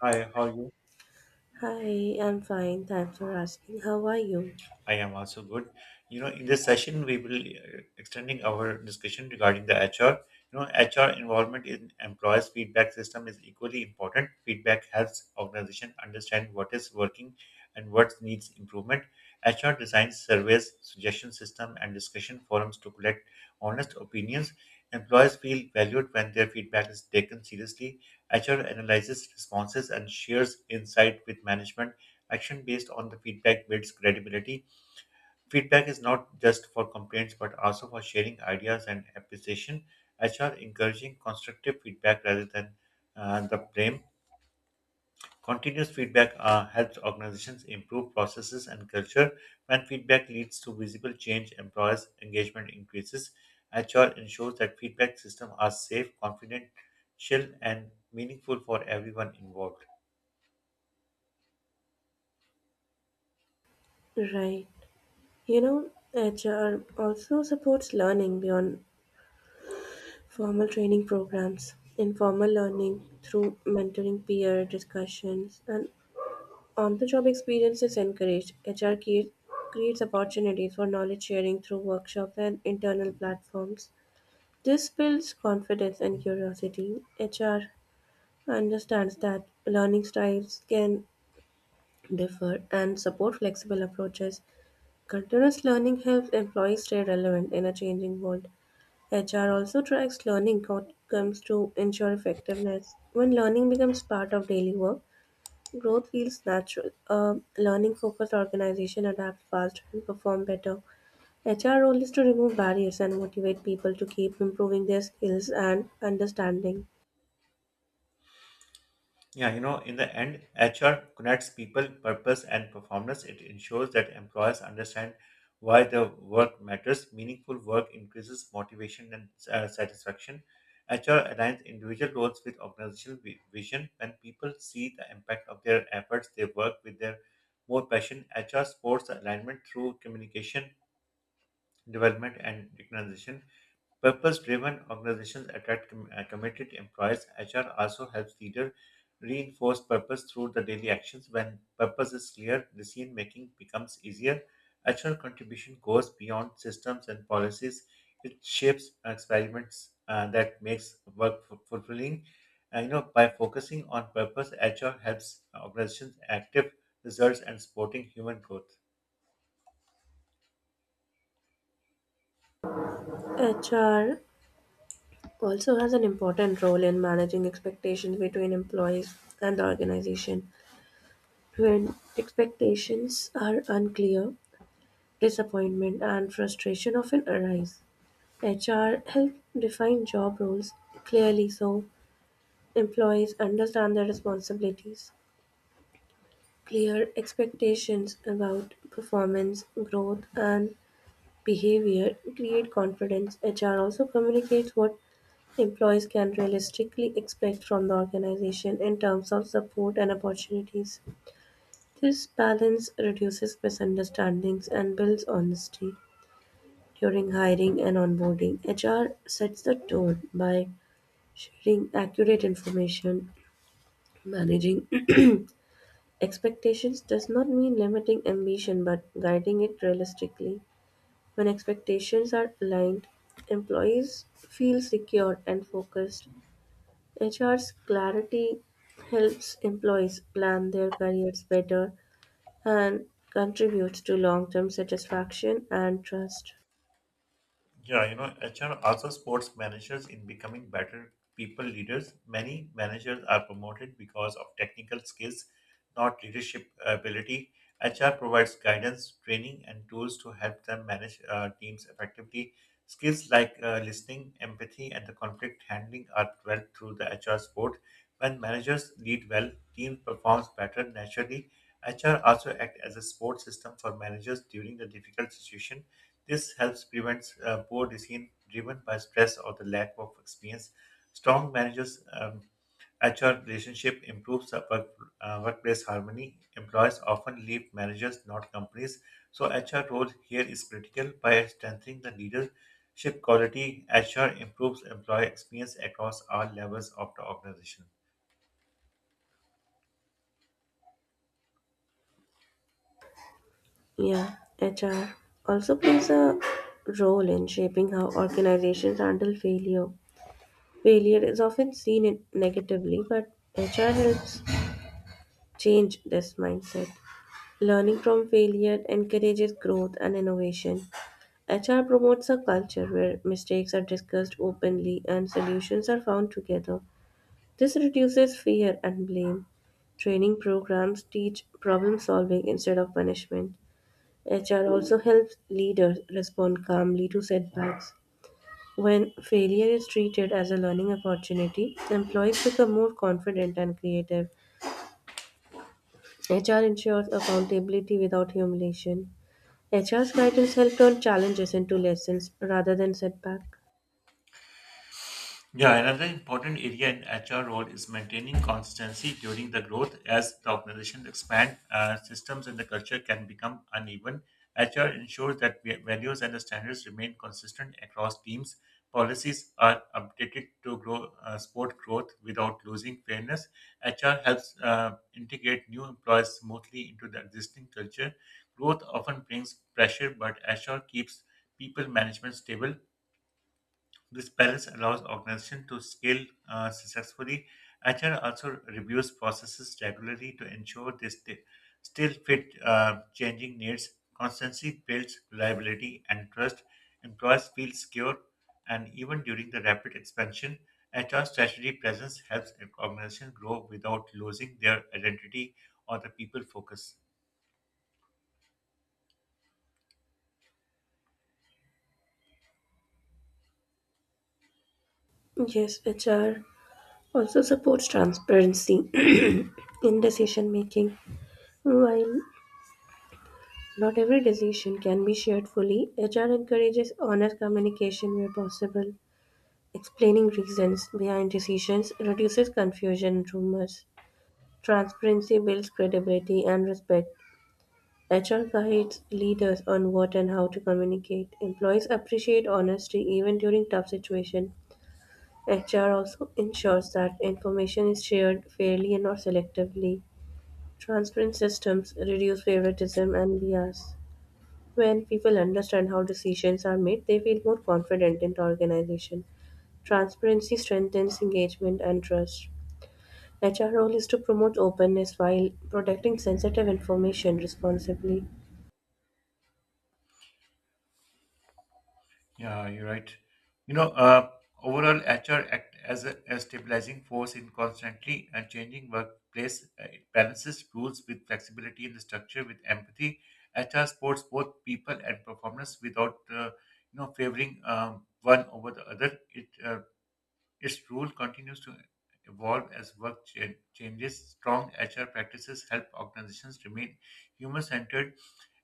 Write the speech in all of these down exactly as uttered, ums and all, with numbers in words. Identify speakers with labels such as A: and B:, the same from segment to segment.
A: Hi, how are you?
B: Hi, I'm fine. Thanks for asking. How are you?
A: I am also good. You know, in this session, we will uh, extending our discussion regarding the H R. You know, H R involvement in employees' feedback system is equally important. Feedback helps organization understand what is working and what needs improvement. H R designs surveys, suggestion system, and discussion forums to collect honest opinions. Employees feel valued when their feedback is taken seriously. H R analyzes responses and shares insight with management. Action based on the feedback builds credibility Feedback is not just for complaints but also for sharing ideas and appreciation. H R encouraging constructive feedback rather than uh, the blame. Continuous feedback uh, helps organizations improve processes and culture. When feedback leads to visible change, employers' engagement increases. H R ensures that feedback systems are safe, confidential, and meaningful for everyone involved.
B: Right. You know, H R also supports learning beyond formal training programs, informal learning through mentoring, peer discussions, and on the job experience is encouraged. H R crea- creates opportunities for knowledge sharing through workshops and internal platforms. This builds confidence and curiosity. H R understands that learning styles can differ and support flexible approaches. Continuous learning helps employees stay relevant in a changing world. H R also tracks learning outcomes to ensure effectiveness. When learning becomes part of daily work, growth feels natural. A learning focused organization adapt faster and perform better. H R role is to remove barriers and motivate people to keep improving their skills and understanding.
A: Yeah, you know, in the end, H R connects people, purpose, and performance. It ensures that employers understand why the work matters. Meaningful work increases motivation and uh, satisfaction. H R aligns individual roles with organizational vi- vision. When people see the impact of their efforts, they work with their more passion. H R supports alignment through communication, development, and recognition. Purpose driven organizations attract com- uh, committed employees. H R also helps leaders reinforce purpose through the daily actions. When purpose is clear, decision making becomes easier. H R contribution goes beyond systems and policies. It shapes experiments uh, that makes work fu- fulfilling. Uh, you know, by focusing on purpose, H R helps organizations active results and supporting human growth.
B: H R also has an important role in managing expectations between employees and the organization. When expectations are unclear, disappointment and frustration often arise. H R help define job roles clearly so employees understand their responsibilities. Clear expectations about performance, growth, and behavior create confidence. H R also communicates what employees can realistically expect from the organization in terms of support and opportunities. This balance reduces misunderstandings and builds honesty during hiring and onboarding. H R sets the tone by sharing accurate information. Managing expectations does not mean limiting ambition but guiding it realistically. When expectations are aligned, employees feel secure and focused. H R's clarity helps employees plan their careers better and contributes to long term satisfaction and trust.
A: Yeah, you know, H R also supports managers in becoming better people leaders. Many managers are promoted because of technical skills, not leadership ability. H R provides guidance, training, and tools to help them manage uh, teams effectively. Skills like uh, listening, empathy, and the conflict handling are developed through the H R support. When managers lead well, team performs better naturally. H R also act as a support system for managers during the difficult situation this helps prevent uh, poor decision driven by stress or the lack of experience. Strong managers' um, H R relationship improves the work, uh, workplace harmony. Employees often leave managers, not companies. So H R role here is critical by strengthening the leadership quality. H R improves employee experience across all levels of the organization.
B: Yeah, H R also plays a role in shaping how organizations handle failure. Failure is often seen in- negatively, but H R helps change this mindset. Learning from failure encourages growth and innovation. H R promotes a culture where mistakes are discussed openly and solutions are found together. This reduces fear and blame. Training programs teach problem solving instead of punishment. H R also helps leaders respond calmly to setbacks. When failure is treated as a learning opportunity, employees become more confident and creative. H R ensures accountability without humiliation. H R's guidance helps turn challenges into lessons rather than setbacks.
A: Yeah, another important area in H R role is maintaining consistency during the growth as the organizations expand, uh, systems and the culture can become uneven. H R ensures that va- values and the standards remain consistent across teams. Policies are updated to grow, uh, support growth without losing fairness. H R helps uh, integrate new employees smoothly into the existing culture. Growth often brings pressure, but H R keeps people management stable this balance allows organizations to scale uh, successfully. H R also reviews processes regularly to ensure they stay, still fit uh, changing needs. Constancy builds reliability and trust. Employees feel secure, and even during the rapid expansion, H R strategy presence helps organizations grow without losing their identity or the people focus.
B: Yes, H R also supports transparency in decision making. While Not every decision can be shared fully. H R encourages honest communication where possible. Explaining reasons behind decisions reduces confusion and rumors. Transparency builds credibility and respect. H R guides leaders on what and how to communicate. Employees appreciate honesty even during tough situations. H R also ensures that information is shared fairly and not selectively. Transparent systems reduce favoritism and bias. When people understand how decisions are made, they feel more confident in the organization. Transparency strengthens engagement and trust. H R role is to promote openness while protecting sensitive information responsibly.
A: Yeah, you're right. You know, uh, overall, H R act as a, a stabilizing force in constantly and changing workplace. Uh, It balances rules with flexibility in the structure with empathy. H R supports both people and performance without, uh, you know, favoring um, one over the other. It uh, Its rule continues to evolve as work cha- changes. Strong H R practices help organizations remain human-centered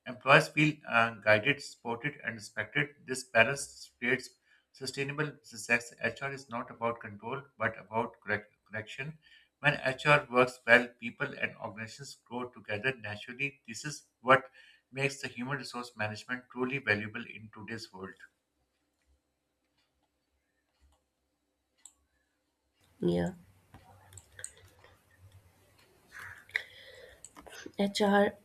A: Employees feel uh, guided, supported, and respected. This balance creates sustainable success. H R is not about control, but about correct, correction. When H R works well, people and organizations grow together naturally. This is what makes the human resource management truly valuable in today's world.
B: Yeah. H R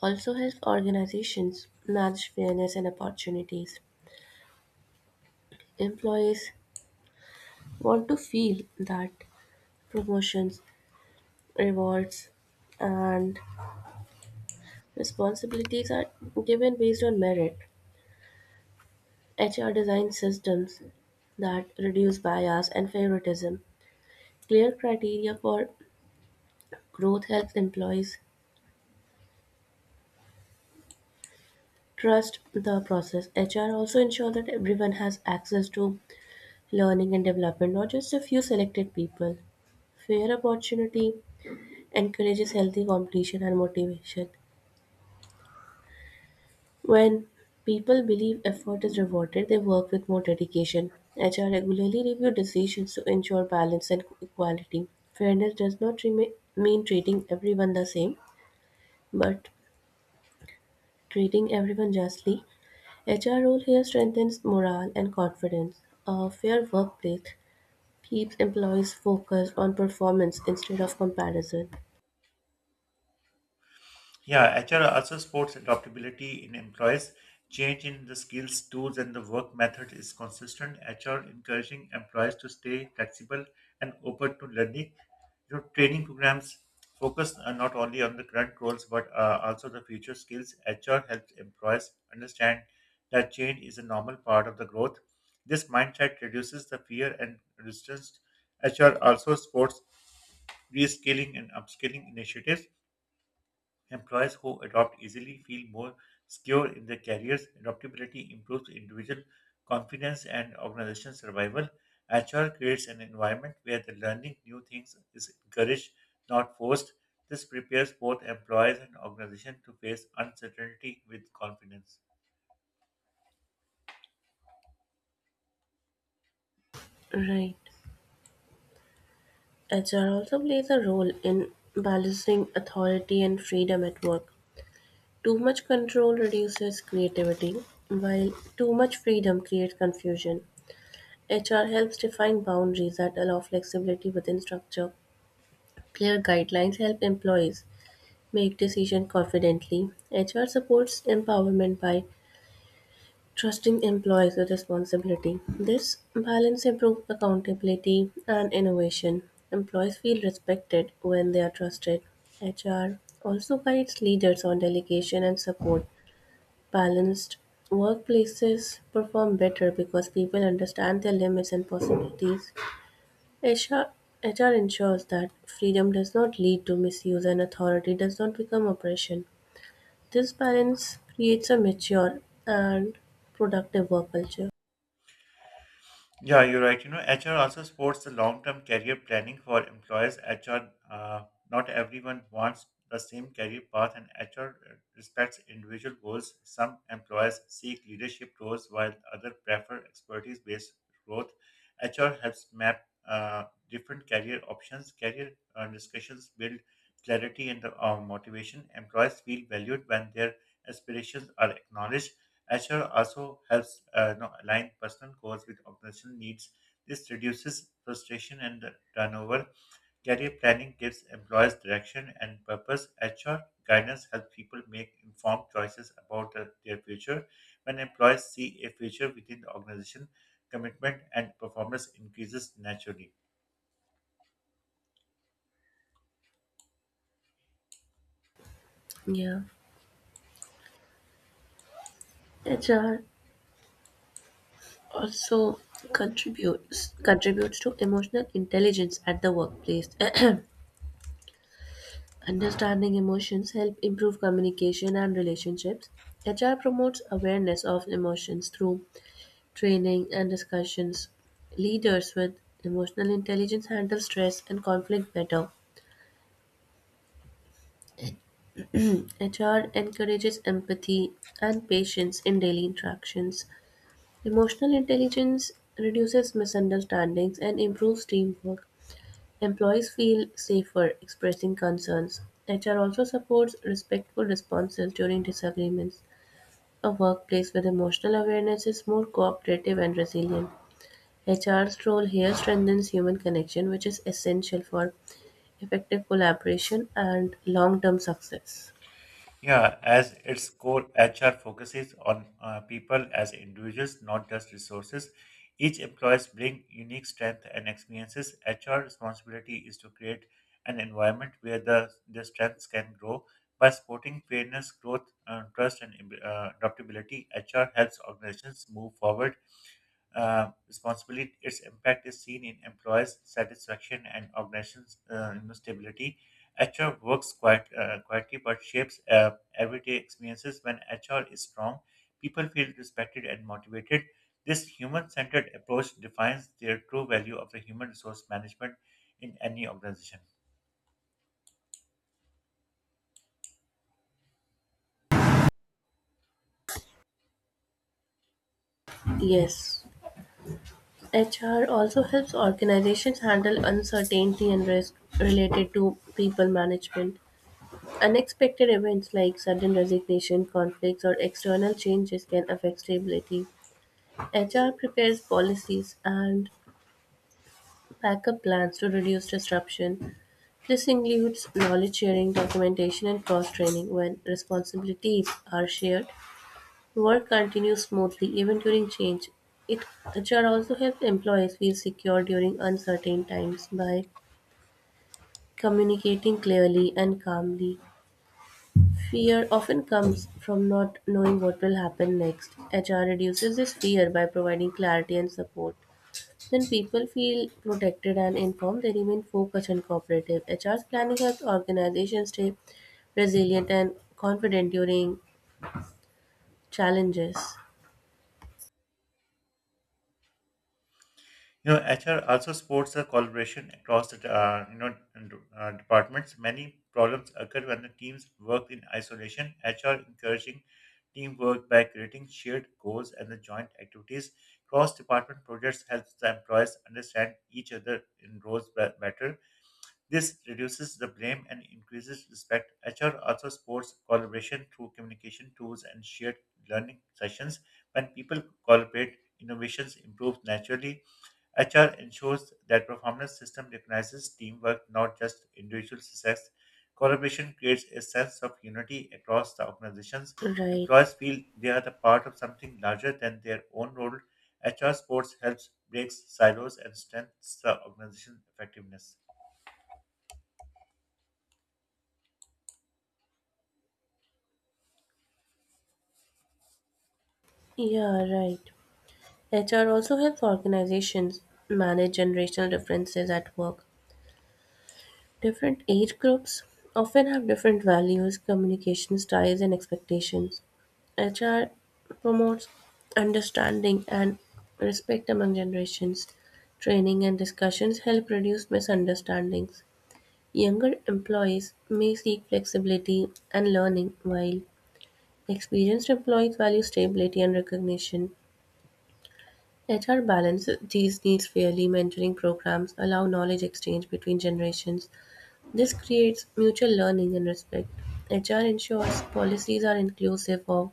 B: also helps organizations manage fairness and opportunities. Employees want to feel that promotions, rewards, and responsibilities are given based on merit. H R designs systems that reduce bias and favoritism. Clear criteria for growth helps employees trust the process. H R also ensure that everyone has access to learning and development, not just a few selected people. Fair opportunity encourages healthy competition and motivation. When people believe effort is rewarded, they work with more dedication. H R regularly review decisions to ensure balance and equality. Fairness does not rema- mean treating everyone the same, but treating everyone justly. H R role here strengthens morale and confidence. A fair workplace keeps employees focused on performance instead of comparison.
A: Yeah, H R also supports adaptability in employees. Change in the skills, tools, and the work method is consistent. H R encouraging employees to stay flexible and open to learning. Your training programs focus uh, not only on the current roles but uh, also the future skills. H R helps employees understand that change is a normal part of the growth. This mindset reduces the fear and resistance. H R also supports reskilling and upskilling initiatives Employees who adopt easily feel more secure in their careers. Adaptability improves individual confidence and organizational survival. H R creates an environment where the learning new things is encouraged, not forced. This prepares both employees and organizations to face uncertainty with confidence.
B: Right. H R also plays a role in balancing authority and freedom at work. Too much control reduces creativity, while too much freedom creates confusion. H R helps define boundaries that allow flexibility within structure. Clear guidelines help employees make decisions confidently. H R supports empowerment by trusting employees with responsibility. This balance improves accountability and innovation. Employees feel respected when they are trusted. H R also guides leaders on delegation and support. Balanced workplaces perform better because people understand their limits and possibilities. H R ensures that freedom does not lead to misuse and authority does not become oppression. This balance creates a mature and productive work culture.
A: Yeah, you're right. You know, H R also supports the long-term career planning for employers. H R, uh, not everyone wants the same career path, and H R respects individual goals. Some employers seek leadership roles, while others prefer expertise-based growth. H R helps map uh, different career options. Career uh, discussions build clarity and uh, motivation. Employers feel valued when their aspirations are acknowledged. H R also helps uh, you know, align personal goals with organizational needs. This reduces frustration and turnover. Career planning gives employees direction and purpose. H R guidance helps people make informed choices about their their future. When employees see a future within the organization, commitment and performance increases naturally.
B: Yeah. H R also contributes contributes to emotional intelligence at the workplace. Understanding emotions help improve communication and relationships. H R promotes awareness of emotions through training and discussions. Leaders with emotional intelligence handle stress and conflict better. H R encourages empathy and patience in daily interactions. Emotional intelligence reduces misunderstandings and improves teamwork. Employees feel safer expressing concerns. H R also supports respectful responses during disagreements. A workplace with emotional awareness is more cooperative and resilient. H R's role here strengthens human connection, which is essential for effective collaboration and long term success.
A: Yeah, as its core, H R focuses on uh, people as individuals, not just resources. Each employees bring unique strength and experiences. H R responsibility is to create an environment where the, the strengths can grow by supporting fairness, growth, uh, trust, and uh, adaptability. H R helps organizations move forward uh, responsibility. Its impact is seen in employees' satisfaction and organizations' uh, you know, stability. H R works quite uh, quietly but shapes uh, everyday experiences. When H R is strong, people feel respected and motivated. This human-centered approach defines their true value of the human resource management in any organization.
B: Yes, H R also helps organizations handle uncertainty and risk related to people management. Unexpected events like sudden resignation, conflicts, or external changes can affect stability. H R prepares policies and backup plans to reduce disruption. This includes knowledge sharing, documentation, and cross training. When responsibilities are shared, work continues smoothly even during change. It H R also helps employees feel secure during uncertain times by communicating clearly and calmly. Fear often comes from not knowing what will happen next. H R reduces this fear by providing clarity and support. When people feel protected and informed, they remain focused and cooperative. H R's planning helps organizations stay resilient and confident during challenges.
A: You know, H R also supports the collaboration across the uh, you know and, uh, departments. Many problems occur when the teams work in isolation. H R encouraging teamwork by creating shared goals and the joint activities. Cross-department projects helps the employees understand each other in roles be- better. This reduces the blame and increases respect. H R also supports collaboration through communication tools and shared learning sessions. When people collaborate, innovations improve naturally H R ensures that performance system recognizes teamwork, not just individual success. Collaboration creates a sense of unity across the organizations.
B: Right.
A: Employees feel they are the part of something larger than their own role. H R sports helps breaks silos and strengthens the organization's effectiveness.
B: Yeah, right. H R also helps organizations manage generational differences at work. Different age groups often have different values, communication styles, and expectations. H R promotes understanding and respect among generations. Training and discussions help reduce misunderstandings. Younger employees may seek flexibility and learning, while experienced employees value stability and recognition. H R balances these needs fairly. Mentoring programs allow knowledge exchange between generations. This creates mutual learning and respect. H R ensures policies are inclusive of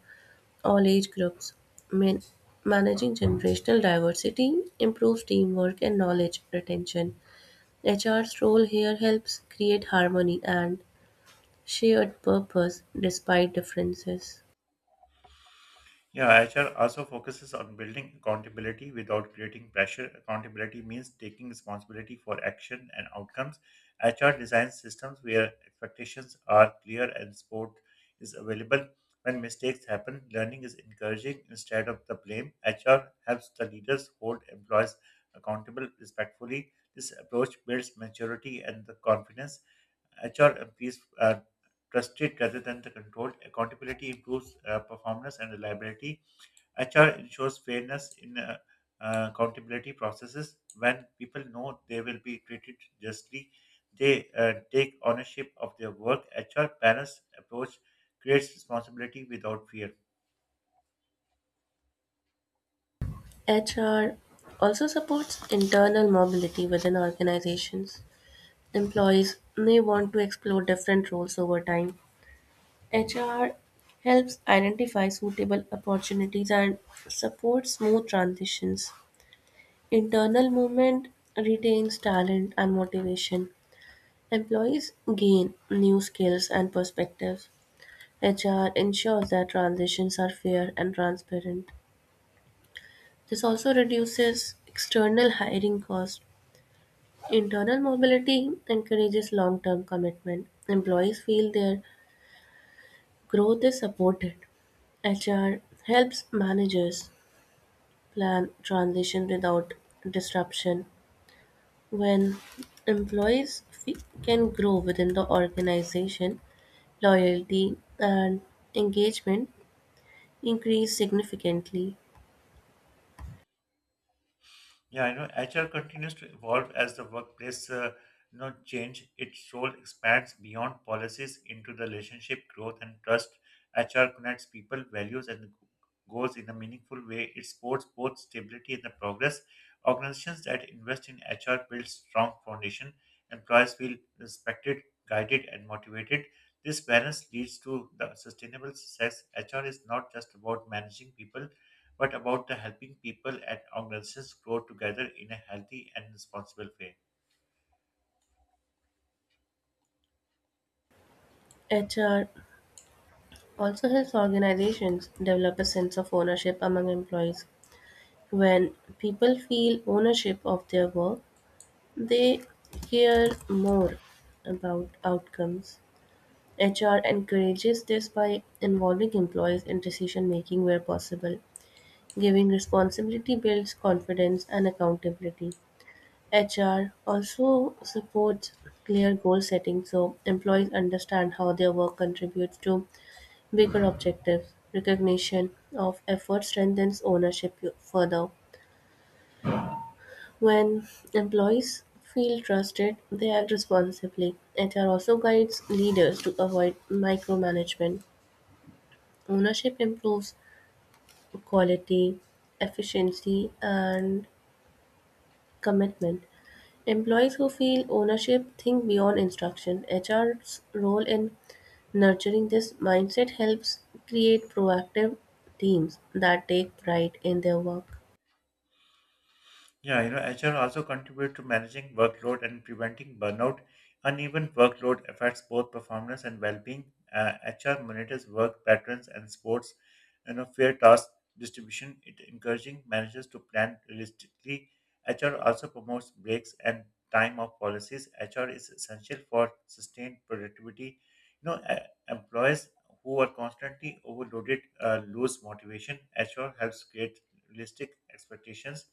B: all age groups. Man- Managing generational diversity improves teamwork and knowledge retention. H R's role here helps create harmony and shared purpose despite differences.
A: Yeah, H R also focuses on building accountability without creating pressure. Accountability means taking responsibility for action and outcomes. H R designs systems where expectations are clear and support is available. When mistakes happen, learning is encouraging instead of the blame. H R helps the leaders hold employees accountable respectfully. This approach builds maturity and the confidence. H R employees are trusted rather than the controlled. Accountability improves uh, performance and reliability H R ensures fairness in uh, uh, accountability processes. When people know they will be treated justly, they uh, take ownership of their work. H R balanced approach creates responsibility without fear.
B: H R also supports internal mobility within organizations. Employees may want to explore different roles over time. H R helps identify suitable opportunities and supports smooth transitions. Internal movement retains talent and motivation. Employees gain new skills and perspectives. H R ensures that transitions are fair and transparent. This also reduces external hiring costs. Internal mobility encourages long term commitment. Employees feel their growth is supported. H R helps managers plan transition without disruption. When employees fe- can grow within the organization, loyalty and engagement increase significantly.
A: Yeah, I know H R continues to evolve as the workplace uh, you know, change. Its role expands beyond policies into the relationship, growth, and trust. H R connects people, values, and goals in a meaningful way. It supports both stability and the progress. Organizations that invest in H R build strong foundation. Employees feel respected, guided, and motivated. This balance leads to the sustainable success. H R is not just about managing people; but about the helping people and organizations grow together in a healthy and responsible way.
B: H R also helps organizations develop a sense of ownership among employees. When people feel ownership of their work, they care more about outcomes. H R encourages this by involving employees in decision making where possible. Giving responsibility builds confidence and accountability. H R also supports clear goal setting so employees understand how their work contributes to bigger objectives. Recognition of effort strengthens ownership further. When employees feel trusted, they act responsibly. H R also guides leaders to avoid micromanagement. Ownership improves quality, efficiency, and commitment. Employees who feel ownership think beyond instruction. H R's role in nurturing this mindset helps create proactive teams that take pride in their work.
A: Yeah, you know, H R also contribute to managing workload and preventing burnout. Uneven workload affects both performance and well-being. Uh, H R monitors work patterns and sports, you know, fair task distribution. It encouraging managers to plan realistically. H R also promotes breaks and time off policies. H R is essential for sustained productivity. You know, e- employees who are constantly overloaded uh, lose motivation. H R helps create realistic expectations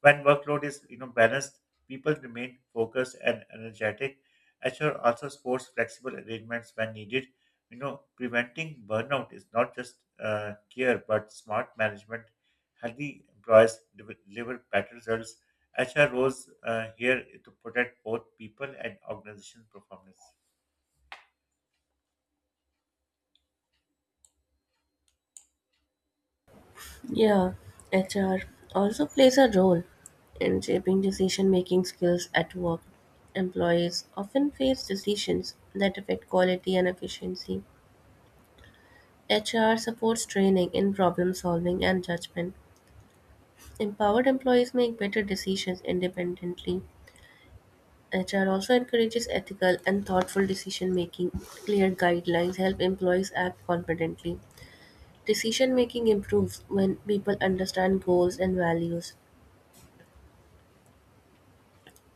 A: when workload is you know balanced, people remain focused and energetic. H R also supports flexible arrangements when needed. You know, preventing burnout is not just uh, care but smart management. Healthy employees deliver deliver better results. H R roles uh, here to protect both people and organization performance.
B: Yeah, H R also plays a role in shaping decision making skills at work. Employees often face decisions that affect quality and efficiency. H R supports training in problem solving and judgment. Empowered employees make better decisions independently. H R also encourages ethical and thoughtful decision-making. Clear guidelines help employees act confidently. Decision-making improves when people understand goals and values.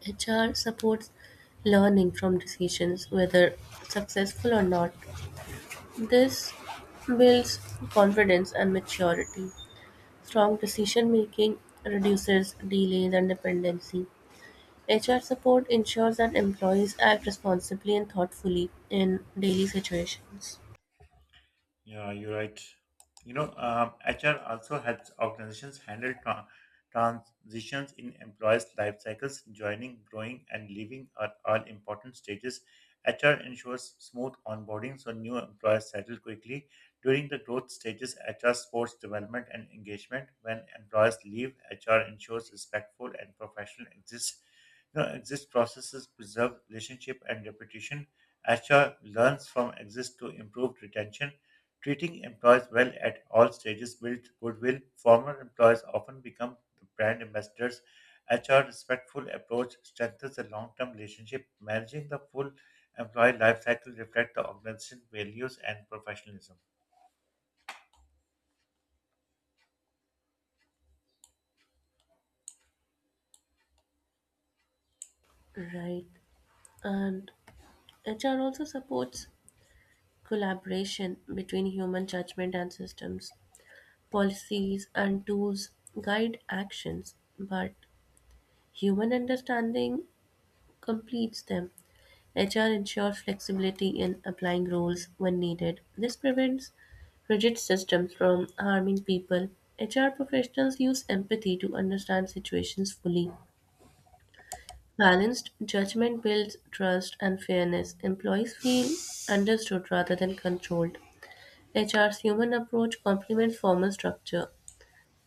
B: H R supports learning from decisions, whether successful or not. This builds confidence and maturity. Strong decision making reduces delays and dependency. H R support ensures that employees act responsibly and thoughtfully in daily situations.
A: Yeah, you're right. You know, um, H R also helps organizations handle tra- transitions in employees' life cycles. Joining, growing, and leaving are all important stages. H R ensures smooth onboarding so new employees settle quickly. During the growth stages, H R supports development and engagement. When employees leave, H R ensures respectful and professional exists. You know, exist processes preserve relationship and reputation. H R learns from exist to improve retention Treating employees well at all stages builds goodwill. Former employees often become the brand ambassadors. H R respectful approach strengthens the long-term relationship. Managing the full employee life cycle reflects the organization values and professionalism.
B: Right. And H R also supports collaboration between human judgment and systems. Policies and tools guide actions, but human understanding completes them. H R ensures flexibility in applying rules when needed. This prevents rigid systems from harming people. H R professionals use empathy to understand situations fully. Balanced judgment builds trust and fairness. Employees feel understood rather than controlled. H R's human approach complements formal structure.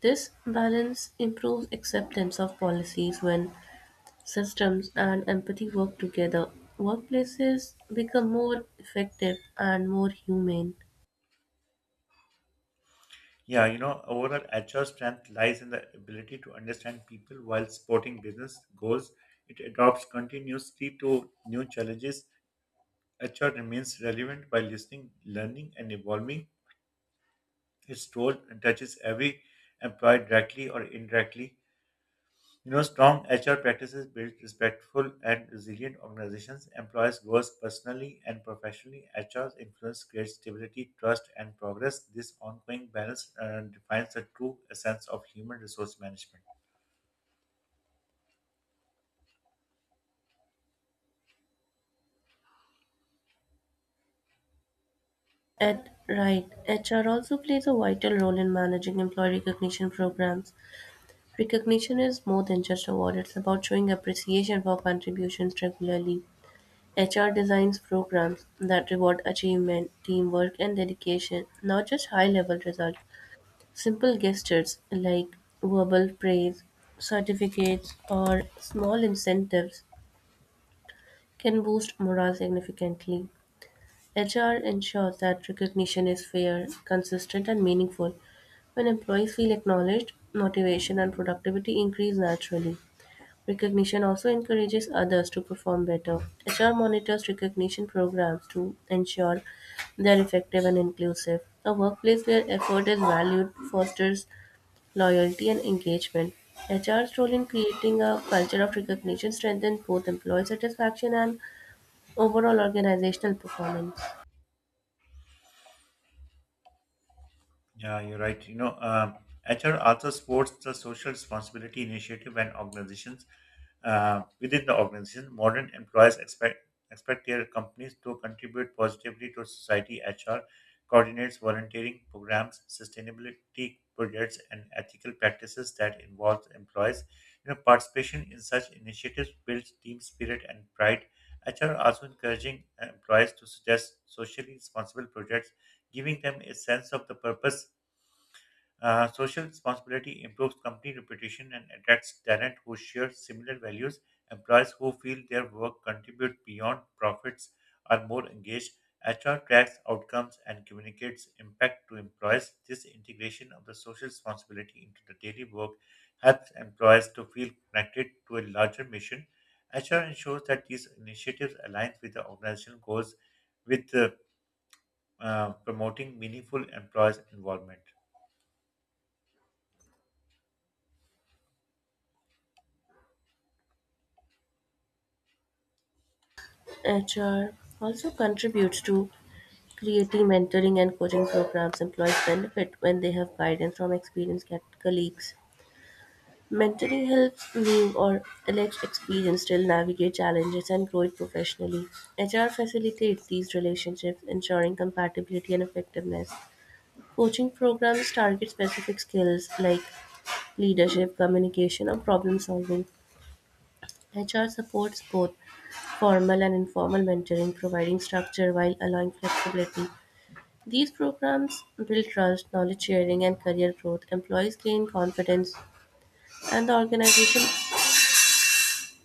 B: This balance improves acceptance of policies when systems and empathy work together. Workplaces become more effective and more humane.
A: Yeah, you know, overall H R strength lies in the ability to understand people while supporting business goals. It adopts continuously to new challenges. H R remains relevant by listening, learning, and evolving. Its role touches every employee directly or indirectly. You know, strong H R practices build respectful and resilient organizations. Employees grow personally and professionally. H R's influence creates stability, trust, and progress. This ongoing balance uh, defines the true essence of human resource management.
B: At right, H R also plays a vital role in managing employee recognition programs. Recognition is more than just award, it's about showing appreciation for contributions regularly. H R designs programs that reward achievement, teamwork, and dedication, not just high level results. Simple gestures like verbal praise, certificates, or small incentives can boost morale significantly. H R ensures that recognition is fair, consistent, and meaningful. When employees feel acknowledged, motivation and productivity increase naturally. Recognition also encourages others to perform better. H R monitors recognition programs to ensure they are effective and inclusive. A workplace where effort is valued fosters loyalty and engagement. H R's role in creating a culture of recognition strengthens both employee satisfaction and overall organizational performance.
A: Yeah, you're right. You know, um, H R also supports the social responsibility initiative and organizations uh, within the organization. Modern employees expect expect their companies to contribute positively to society. H R coordinates volunteering programs, sustainability projects, and ethical practices that involve employees. You know, participation in such initiatives builds team spirit and pride. H R also encouraging employees to suggest socially responsible projects, giving them a sense of the purpose uh, Social responsibility improves company reputation and attracts talent who share similar values. Employees who feel their work contribute beyond profits are more engaged. H R tracks outcomes and communicates impact to employees. This integration of the social responsibility into the daily work helps employees to feel connected to a larger mission. H R ensures that these initiatives align with the organizational goals with uh, uh, promoting meaningful employees' involvement.
B: H R also contributes to creating mentoring and coaching programs. Employees benefit when they have guidance from experienced colleagues. Mentoring helps new or less experienced still navigate challenges and grow it professionally. H R facilitates these relationships, ensuring compatibility and effectiveness. Coaching programs target specific skills like leadership, communication, or problem solving. H R supports both formal and informal mentoring, providing structure while allowing flexibility. These programs build trust, knowledge sharing, and career growth. Employees gain confidence, and the organization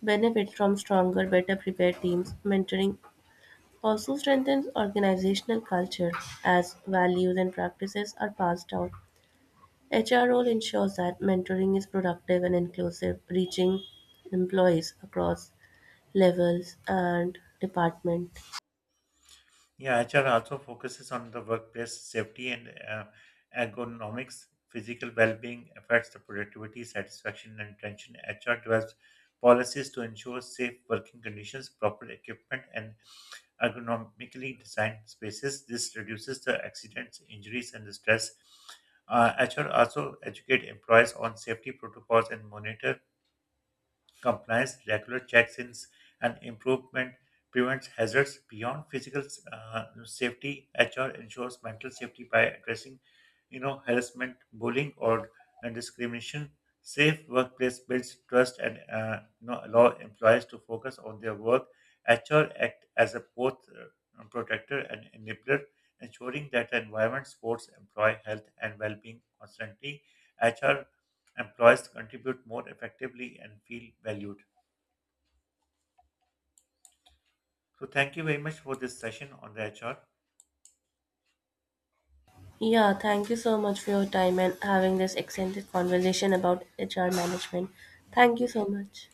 B: benefit from stronger, better-prepared teams. Mentoring also strengthens organizational culture as values and practices are passed down. H R role ensures that mentoring is productive and inclusive, reaching employees across levels and department.
A: Yeah, H R also focuses on the workplace safety and uh, ergonomics. Physical well-being affects the productivity, satisfaction, and attention. H R develops policies to ensure safe working conditions, proper equipment, and ergonomically designed spaces. This reduces the accidents, injuries, and the stress. Uh, H R also educate employees on safety protocols and monitor compliance, regular checks-ins, and improvement prevents hazards beyond physical uh, safety. H R ensures mental safety by addressing, you know, harassment, bullying, or and discrimination. Safe workplace builds trust and uh, you know, allow employees to focus on their work. H R act as a both uh, protector and enabler, ensuring that the environment supports employee health and well-being constantly. H R employees contribute more effectively and feel valued. So, thank you very much for this session on the H R.
B: Yeah, thank you so much for your time and having this extended conversation about H R management. Thank you so much.